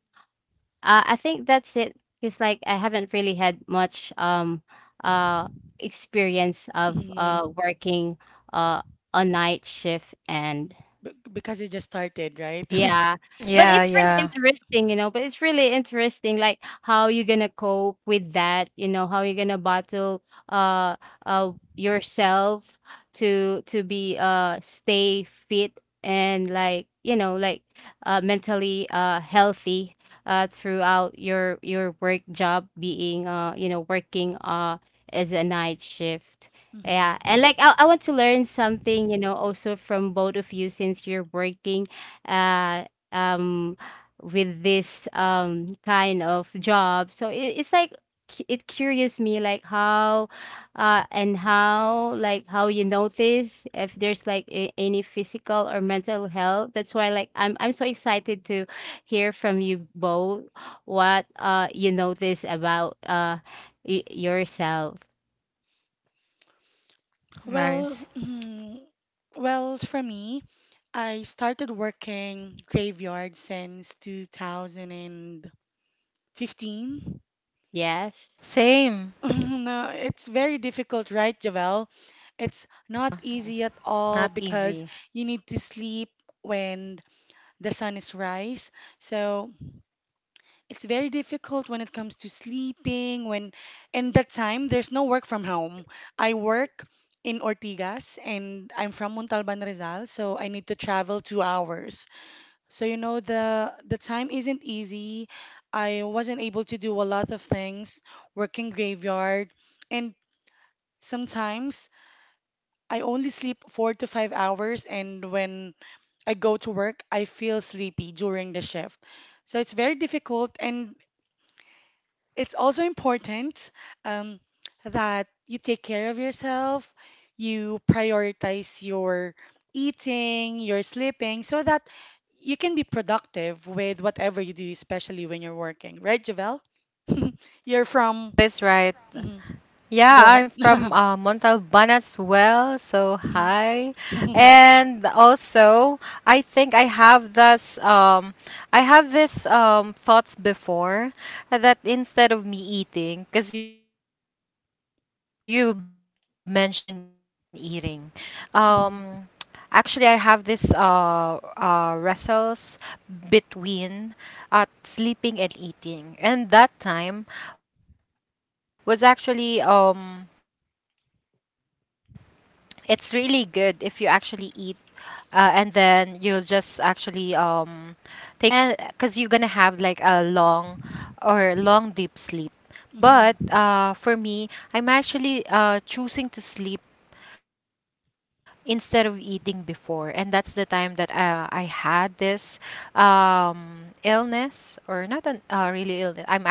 uh, I think that's it, because like I haven't really had much um uh experience of uh Hmm. working uh a night shift. And B because you just started, right? yeah, but it's Yes. really Yeah, yeah. interesting, you know. But it's really interesting, like how you're gonna cope with that, you know, how you're gonna battle uh uh yourself to to be, uh stay fit and, like, you know, like uh mentally uh healthy uh throughout your your work job, being, uh you know, working uh as a night shift. Yeah, Mm-hmm. and like I, I want to learn something, you know, also from both of you, since you're working, uh, um, with this, um, kind of job. So it, it's like cu- it curious me, like how, uh, and how, like how you notice if there's like a, any physical or mental health. That's why like I'm I'm so excited to hear from you both what uh you notice about uh y- yourself. Well, Nice. hmm, well, for me, I started working graveyard since two thousand fifteen. Yes. Same. No, it's very difficult, right, Javel? It's not easy at all Not because you easy. need to sleep when the sun is rise. So it's very difficult when it comes to sleeping, when and that time there's no work from home. I work in Ortigas and I'm from Montalban, Rizal, so I need to travel two hours. So you know the the time isn't easy. I wasn't able to do a lot of things, working graveyard, and sometimes I only sleep four to five hours, and when I go to work, I feel sleepy during the shift. So it's very difficult and it's also important um, that you take care of yourself, you prioritize your eating, your sleeping, so that you can be productive with whatever you do, especially when you're working. Right, Javel? You're from. But it's right. Mhm. Yeah, Go I'm ahead. from uh, Montalban as well. So hi, Mhm. and also I think I have this um I have this um thoughts before that instead of me eating, because you mentioned eating, um actually I have this uh uh wrestles between uh sleeping and eating, and that time was actually um. It's really good if you actually eat, uh, and then you'll just actually um take a rest for like an hour, and then that's the time that you'll sleep. And because you're gonna have like a long or long deep sleep. But uh, for Mhm. me, I'm actually uh, choosing to sleep instead of eating before, and that's the time that uh, I had this um, illness, or not an uh, really illness. I'm actually sick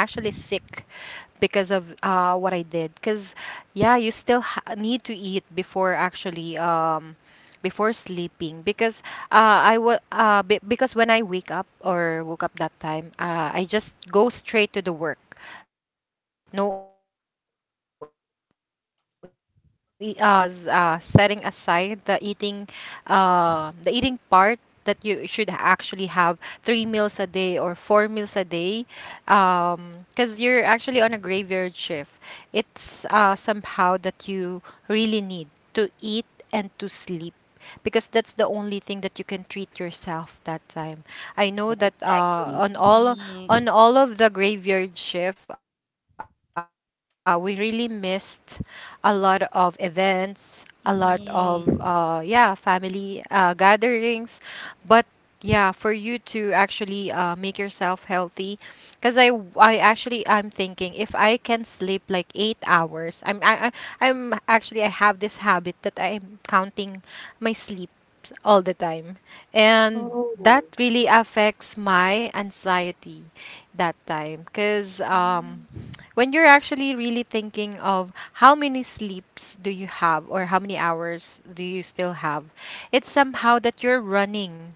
because of uh, what I did. Because yeah, you still ha- need to eat before actually um, before sleeping, because uh, I will uh, be- because when I wake up or woke up that time, uh, I just go straight to the work. No, e- uh, I will just eat in the office. So for me, I think I was uh, setting aside the eating, uh, the eating part, that you should actually have three meals a day or four meals a day, um, because you're actually on a graveyard shift. It's uh, somehow that you really need to eat and to sleep, because that's the only thing that you can treat yourself that time. I know Yeah, that uh, exactly. on all Mhm. on all of the graveyard shift, uh, we really missed a lot of events, a lot of uh, Mhm. yeah, Mhm. family uh, gatherings, but yeah, for you to actually uh, make yourself healthy. Cause I I actually, I'm thinking if I can sleep like eight hours, I'm I I- I'm actually I have this habit that I'm counting my sleep all the time. And that Oh, really affects my anxiety that time. Because um, Mhm. when you're actually really thinking of how many sleeps do you have or how many hours do you still have, it's somehow that you're running,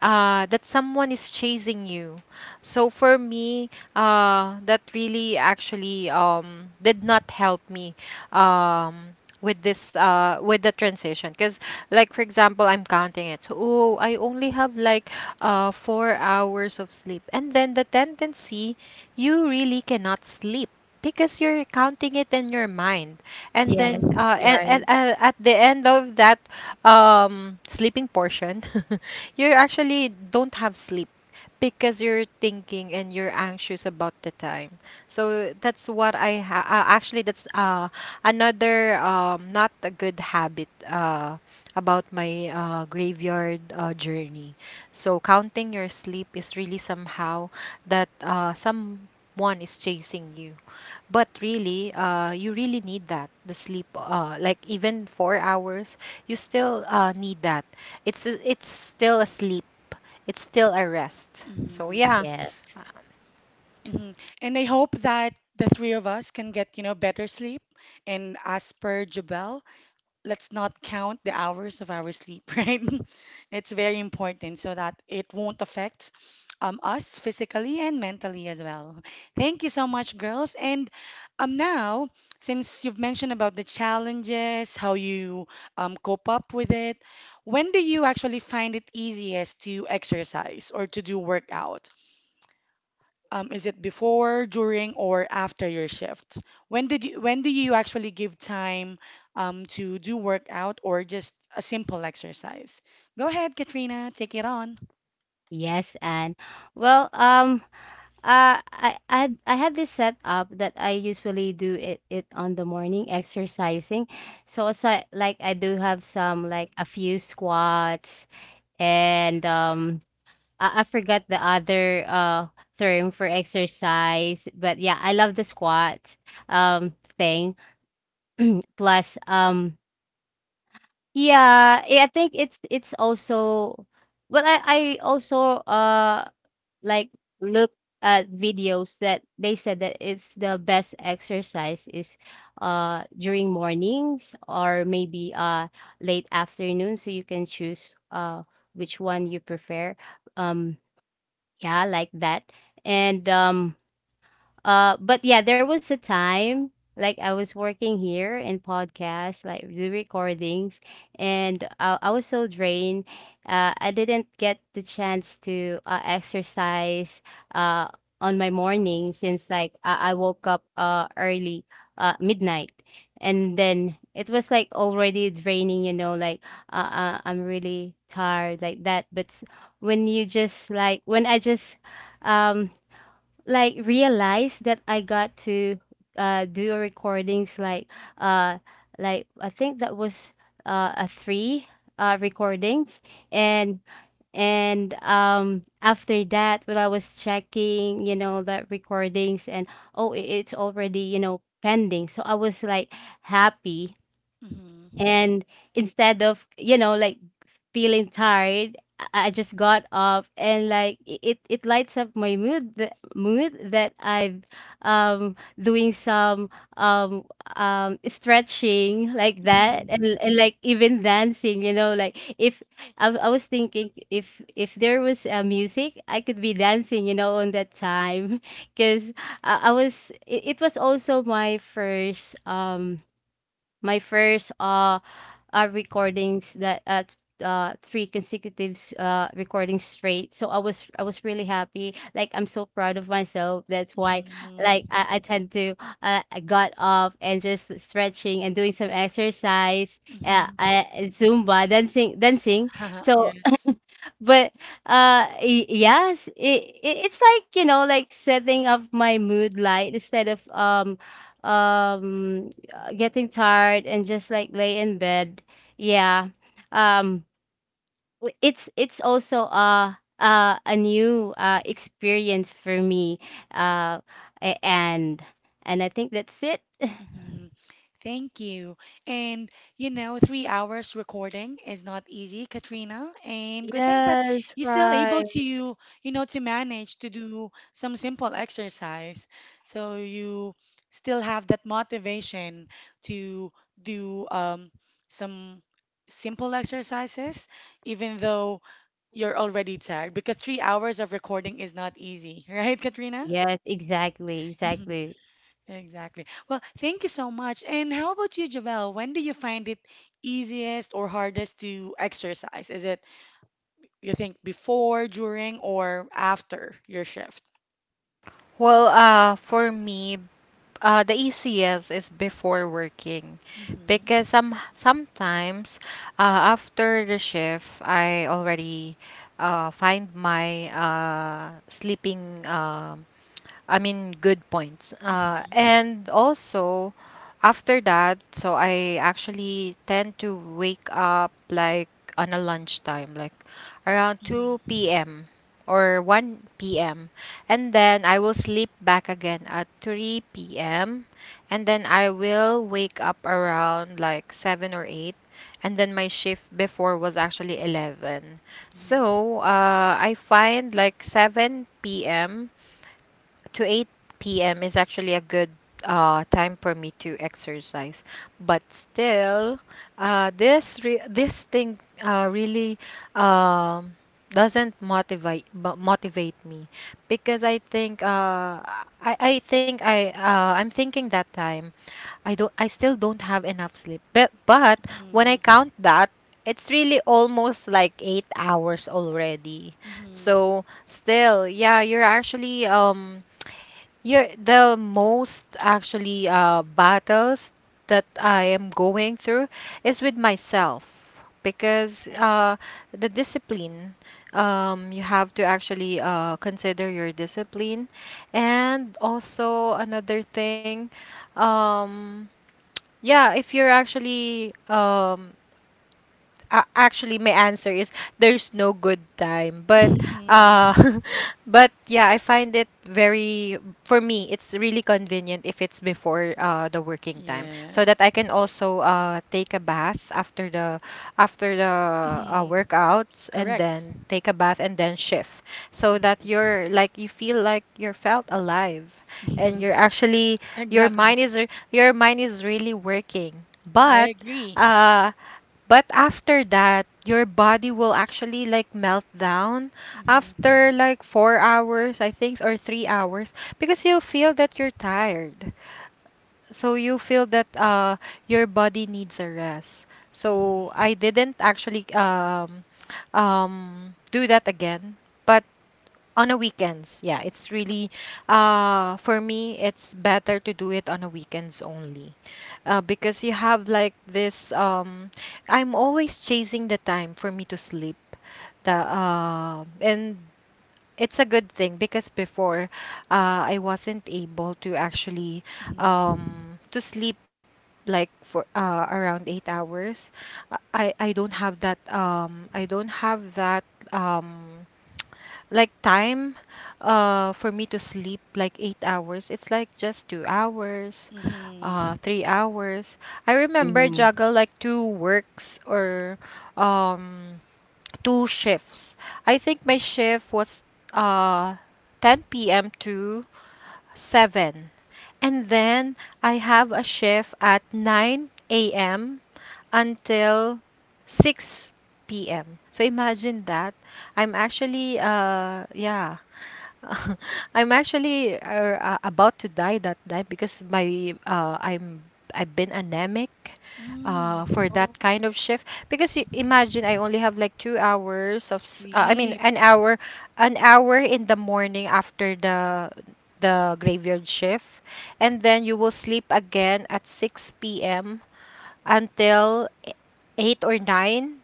uh, that someone is chasing you. So for me, uh, that really actually um, did not help me. Um, with this uh with the transition. Because, like, for example, I'm counting it, so, oh, I only have like uh four hours of sleep, and then the tendency, you really cannot sleep because you're counting it in your mind. And Mhm. yes, then Mhm. uh you're and, and right. uh, at the end of that um sleeping portion, you actually don't have sleep because you're thinking and you're anxious about the time. So that's what i ha- uh, actually, that's uh another um not a good habit uh about my uh, graveyard uh, journey. So counting your sleep is really somehow that uh, someone is chasing you. But really, uh, you really need that the sleep. Uh, like even four hours, you still uh, need that. It's it's still a sleep. It's still a rest. So Mhm. yeah. Yes. Hmm. And I hope that the three of us can get, you know, better sleep. And as per Jabel, let's not count the hours of our sleep, right? It's very important so that it won't affect um, us physically and mentally as well. Thank you so much, girls. And um, now, since you've mentioned about the challenges, how you um, cope up with it, when do you actually find it easiest to exercise or to do workout? Um, is it before, during, or after your shift? When did you, when do you actually give time um, to do workout or just a simple exercise? Go ahead, Katrina, take it on. Yes, and well, um, uh, I I I had this setup that I usually do it, it on the morning exercising. So aside, like like I do have some, like, a few squats. And um I, I forgot the other uh term for exercise, but yeah, I love the squats um thing. Plus um yeah, I I think it's it's also, well, I, I also uh like look at videos that they said that it's the best exercise is, uh during mornings, or maybe uh late afternoon, so you can choose uh which one you prefer. um yeah, like that. And um uh, but yeah, there was a time like I was working here in podcasts, like the recordings, and I, I was so drained. Uh, I didn't get the chance to, uh, exercise uh, on my morning, since like I, I woke up, uh, early, uh, midnight. And then it was like already draining, you know, like, uh, uh, I'm really tired like that. But s- when you just like, when I just um like realize that I got to uh do recordings, like, uh like I think that was uh a three uh recordings. And and um after that, when I was checking, you know, the recordings, and, oh, i- it's already, you know, pending, so I was like happy. Mm-hmm. And instead of, you know, like feeling tired, i I just got up, and like, i- it, it lights up my mood, the mood that I've um doing some um um stretching like that, and, and like, even dancing, you know, like if I, w- I was thinking, if if there was, uh, music, I could be dancing, you know, on that time. Because I, I was, it, it was also my first um my first uh, uh, recordings, that at, uh, three consecutive, uh, recordings straight. So I was, I was really happy. Like, I'm so proud of myself. That's why like Mm-hmm. I, I tend to, uh, I got off, and just stretching, and doing some exercise. Uh, Mm-hmm. I, Zumba dancing dancing. So, Yes. but uh y- yes, it, it, it's like, you know, like setting up my mood light, instead of, um um uh, getting tired and just like lay in bed. Yeah, um w- it's it's also a, uh, a new, uh, experience for me. uh, a- and and I think that's it. Mhm. Thank you. And you know, three hours recording is not easy, Katrina. And good thing that Yes, you're still able right. to, you know, to manage to do some simple exercise. So you still have that motivation to do um, some simple exercises, even though you're already tired, because three hours of recording is not easy, right, Katrina? Yes, exactly, Mm-hmm. exactly. Exactly. Well, thank you so much. And how about you, Javel? When do you find it easiest or hardest to exercise? Is it, you think, before, during, or after your shift? Well, uh, for me, uh, the easiest is before working, Mm-hmm. because some sometimes uh, after the shift, I already uh, find my uh, sleeping. Um, I mean, good points. Uh, Mm-hmm. And also, after that, so I actually tend to wake up like on a lunchtime, like around Mm-hmm. two p m or one p m. And then I will sleep back again at three p m. And then I will wake up around like seven or eight. And then my shift before was actually eleven. So uh, I find like seven p.m to eight p m is actually a good uh, time for me to exercise. But still, uh, this re- this thing uh, really um, doesn't motivate bu- motivate me because I think uh, I I think I uh, I'm thinking that time I don't I still don't have enough sleep. But but when I Mm-hmm. count that, it's really almost like eight hours already. Mm-hmm. So still, yeah, you're actually um yeah, the most actually uh, battles that I am going through is with myself because uh, the discipline, um, you have to actually uh, consider your discipline. And also, another thing, um, yeah, if you're actually um, uh, actually my answer is there's no good time. But Mm-hmm. uh but yeah, I find it very, for me, it's really convenient if it's before uh the working time, so that Yes. I can also uh take a bath after the after the uh, Hmm. workouts, and Correct. then take a bath, and then shift, so that Mm-hmm. you're like, you feel like you're felt alive, Mm-hmm. and you're actually your Exactly. mind is re- your mind is really working. I But agree. uh but after that, your body will actually like melt down Mm-hmm. after like four hours, I think, or three hours, because you feel that you're tired. So you feel that uh your body needs a rest. So Mm-hmm. I didn't actually um um do that again. But on a weekends, yeah, it's really, uh for me, it's better to do it on a weekends only, uh, because you have like this um I'm always chasing the time for me to sleep. The uh, And it's a good thing because before, uh, I wasn't able to actually Mm-hmm. um to sleep like for uh, around eight hours. i i I don't have that um I don't have that um like time uh for me to sleep like eight hours. It's like just two hours, uh three hours. I remember Mm-hmm. juggle like two works or um two shifts. I think my shift was uh ten p.m to seven. And then I have a shift at nine a m until six p m. So imagine that. I'm actually, uh, yeah, I'm actually uh, uh, about to die that time, because my uh, I'm I've been anemic uh, Mm-hmm. for that Oh. kind of shift, because you Mm-hmm. imagine I only have like two hours of s- uh, I mean Sleep. an hour, an hour in the morning after the the graveyard shift. And then you will sleep again at six p m until eight or nine.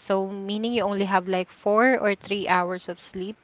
So meaning you only have like four or three hours of sleep.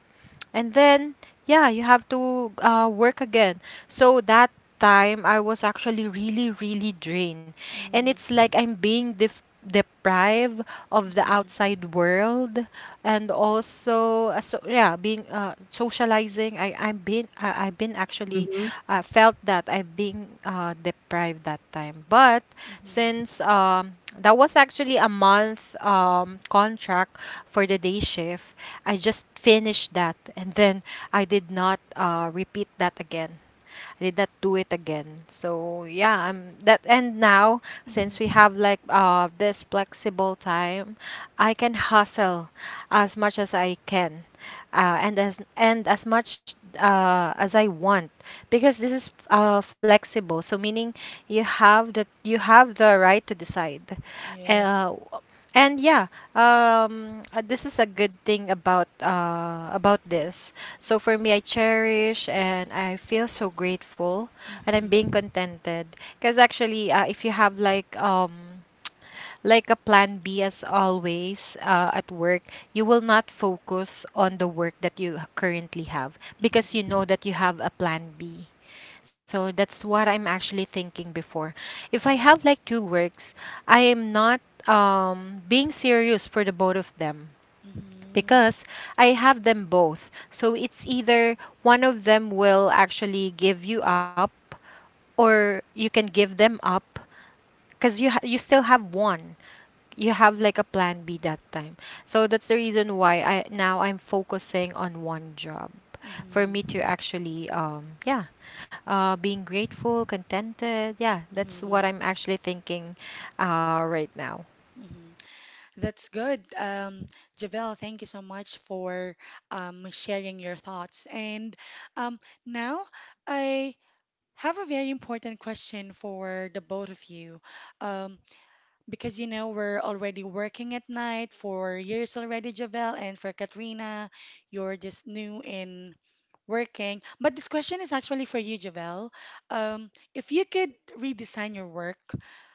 And then, yeah, you have to uh, work again. So that time I was actually really, really drained. And it's Mm. like i'm being def- deprived of the Mm-hmm. outside world. And also, uh, so yeah, being uh, socializing, i i've been uh, I've been actually Mm-hmm. uh, felt that I've been uh, deprived that time. But Mm-hmm. since um that was actually a month um contract for the day shift, I just finished that, and then I did not uh, repeat that again. I did not do it again. So yeah, I'm that, and now, since we Mm-hmm. have like uh this flexible time, I can hustle as much as I can. Uh, and as and as much uh, as I want, because this is uh, flexible, so meaning you have the, you have the right to decide. Yes. uh, and yeah, um, uh, this is a good thing about uh, about this. So for me, I cherish and I feel so grateful, and I'm Mm-hmm. being contented, because actually, uh, if you have like um like a plan B, as always, uh, at work, you will not focus on the work that you currently have, because you Mm-hmm. know that you have a plan B. So that's what I'm actually thinking before. If I have Mm-hmm. like two works, I am not um, being serious for the both of them, Mm-hmm. because I have them both. So it's either one of them will actually give you up, or you can give them up, because you ha- you still have one, you have like a plan B that time. So that's the reason why I, now I'm focusing on one job for me Mm-hmm. to actually um yeah, uh being grateful, contented. Yeah, that's what I'm actually thinking uh right now. Mm-hmm. That's good. Um, Javel, thank you so much for um, sharing your thoughts. And um, now I have a very important question for the both of you. Um, Because you know we're already working at night for years already, Javel, and for Katrina, you're just new in working. But this question is actually for you, Javel. Um, if you could redesign your work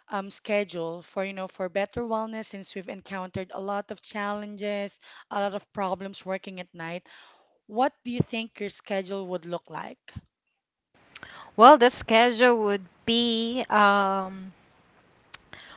um, schedule for you know for better wellness, since we've encountered a lot of challenges, a lot of problems working at night, what do you think your schedule would look like Well, the schedule would be um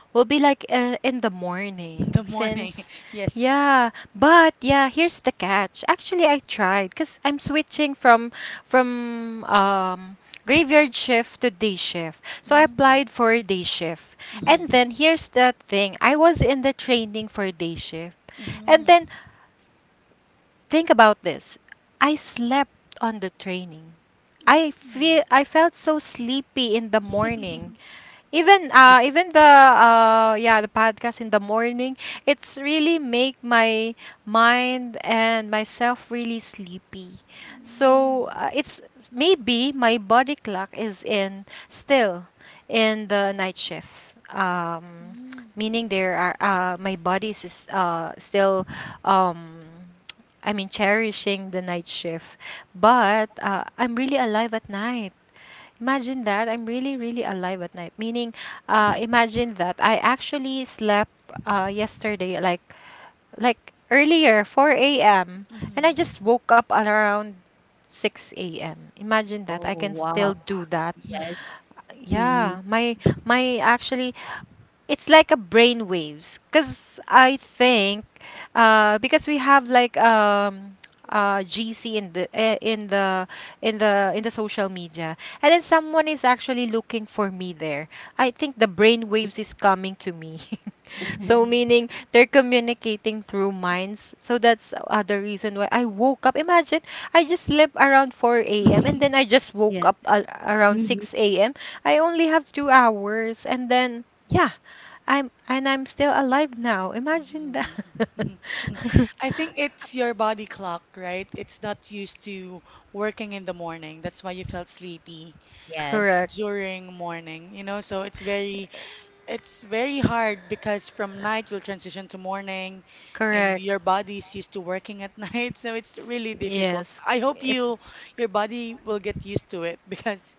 will be like uh, in the in morning, the morning? since, Yes. yeah. But yeah, here's the catch. Actually, I tried, cuz I'm switching from from um graveyard shift to day shift. So I Mm, applied for day shift. And mhm, then here's the thing. I was in the training for day shift. And then mhm, think about this. I slept on the training. I feel mm. I felt so sleepy in the morning. Even uh even the uh yeah, the podcast in the morning, it's really make my mind and myself really sleepy. So uh, it's maybe my body clock is in still in the night shift. um Mm, Meaning there are uh my body is is, uh still um I mean cherishing the night shift. But uh, I'm really alive at night. Imagine that. I'm really, really alive at night. Meaning, uh, mm, imagine that I actually slept uh, yesterday, like like earlier, four a m. mhm, And I mhm, just woke up at around six a m. Imagine that. I Oh, can still wow. mhm. do that. Yes. Mhm. Yeah, my my actually, it's like a brain waves, because I think uh because we have like um uh gc in the eh, in the in the in the social media, and then someone is actually looking for me there. I think the brain waves is coming to me. So Mhm. meaning they're communicating through minds. So that's uh, the reason why I woke up. Imagine I just slept around four a m and then I just woke Yes. up a around Mhm. six a m. I only have two hours, and then yeah, I'm and I'm still alive now. Imagine that. Mhm. Mhm. I think it's your body clock, right? It's not used to working in the morning. That's why you felt sleepy Yes. Correct. during morning, you know? So it's very it's very hard because from night you'll transition to morning and Correct. your body is used to working at night. So it's really difficult. Yes. I hope It's you your body will get used to it because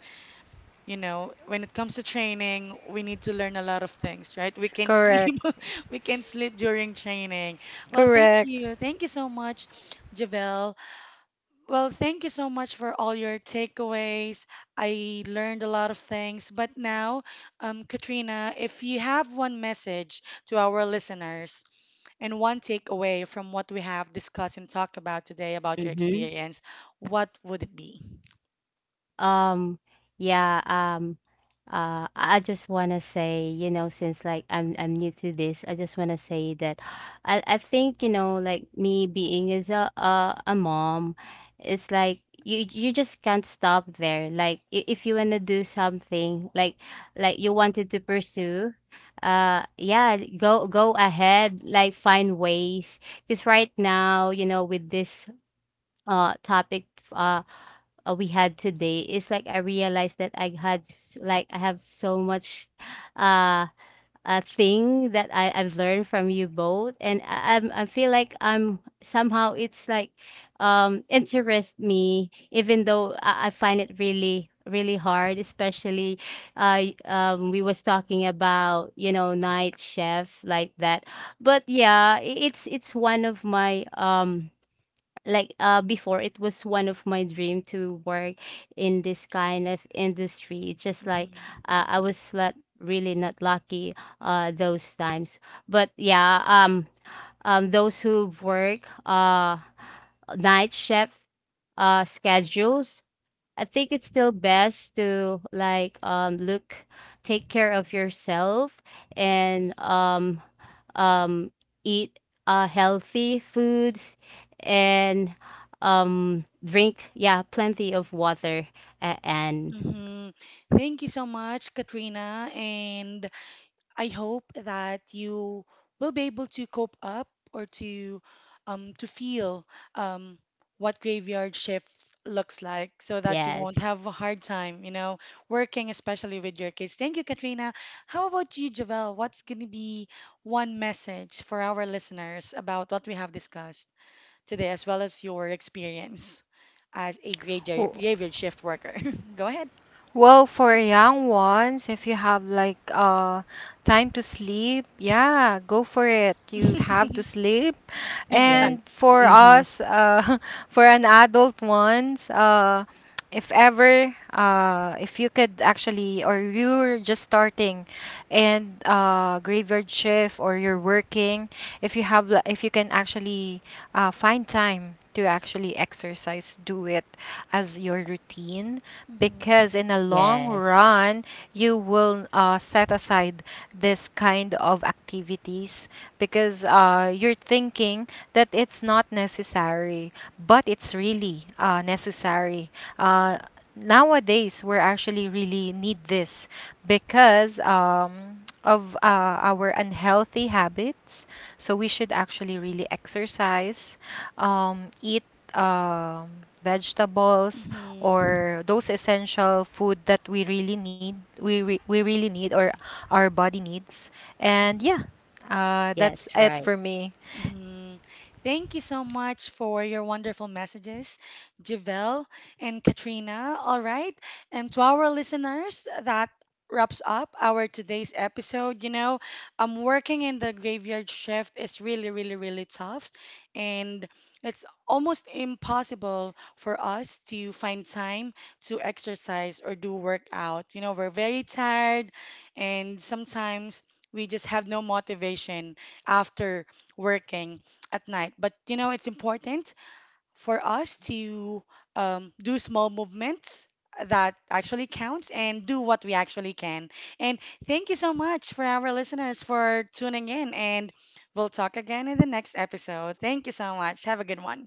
you know, when it comes to training, we need to learn a lot of things, right? We can't correct. sleep. We can't sleep during training. Well, thank Correct. you. Thank you so much, Javel. Well, thank you so much for all your takeaways. I learned a lot of things. But now, um, Katrina, if you have one message to our listeners and one takeaway from what we have discussed and talked about today about your Mhm. experience, what would it be? Um, yeah, um, uh, I I just wanna say, you know, since like I'm I'm new to this. I just wanna say that I I think, you know, like me being as a a, a mom, it's like you you just can't stop there. Like, i- if you wanna do something, like like you wanted to pursue, uh, yeah, go go ahead, like find ways. Because right now, you know, with this uh topic, uh uh, we had today, is like I realized that I had s- like I have so much uh a thing that I I've learned from you both, and I I'm, I feel like I'm somehow, it's like, um interest me, even though I, I find it really really hard, especially uh y- um we was talking about, you know, night chef like that. But yeah, i- it's it's one of my um like uh before, it was one of my dream to work in this kind of industry. It's just like Mhm. uh, I was not really not lucky uh those times. But yeah, um um those who work uh night shift uh schedules, I think it's still best to, like, um look, take care of yourself. And um um eat uh healthy foods, and um drink, yeah, plenty of water. A- and Mm-hmm. Thank you so much, Katrina, and I hope that you will be able to cope up or to um, to feel um, what graveyard shift looks like so that you yes, won't have a hard time, you know, working especially with your kids. Thank you, Katrina. How about you, Javel? What's going to be one message for our listeners about what we have discussed today, as well as your experience as a graveyard, graveyard shift worker? Go ahead. Well, for young ones, if you have like uh time to sleep, yeah, go for it. You have to sleep. Exactly. yes. And for Mm-hmm. us, uh for an adult ones, uh if ever, uh if you could actually, or you're just starting and uh graveyard shift, or you're working, if you have li- if you can actually uh find time to actually exercise, do it as your routine, because in the long Yes, run, you will uh, set aside this kind of activities, because uh, you're thinking that it's not necessary, but it's really uh, necessary. uh, Nowadays, we're actually really need this, because um, of uh, our unhealthy habits. So we should actually really exercise, um, eat um, vegetables, Hmm. or those essential food that we really need we re- we really need, or our body needs. And yeah, Hmm. uh, yes, that's it right. for me. Mhm. Thank you so much for your wonderful messages, Javel and Katrina. All right. And to our listeners, that wraps up our today's episode. You know, um, working in the graveyard shift is really, really, really tough. And it's almost impossible for us to find time to exercise or do workout. You know, we're very tired, and sometimes we just have no motivation after working at night. But you know, it's important for us to um, do small movements that actually counts and do what we actually can. And thank you so much for our listeners for tuning in, and we'll talk again in the next episode. Thank you so much. Have a good one.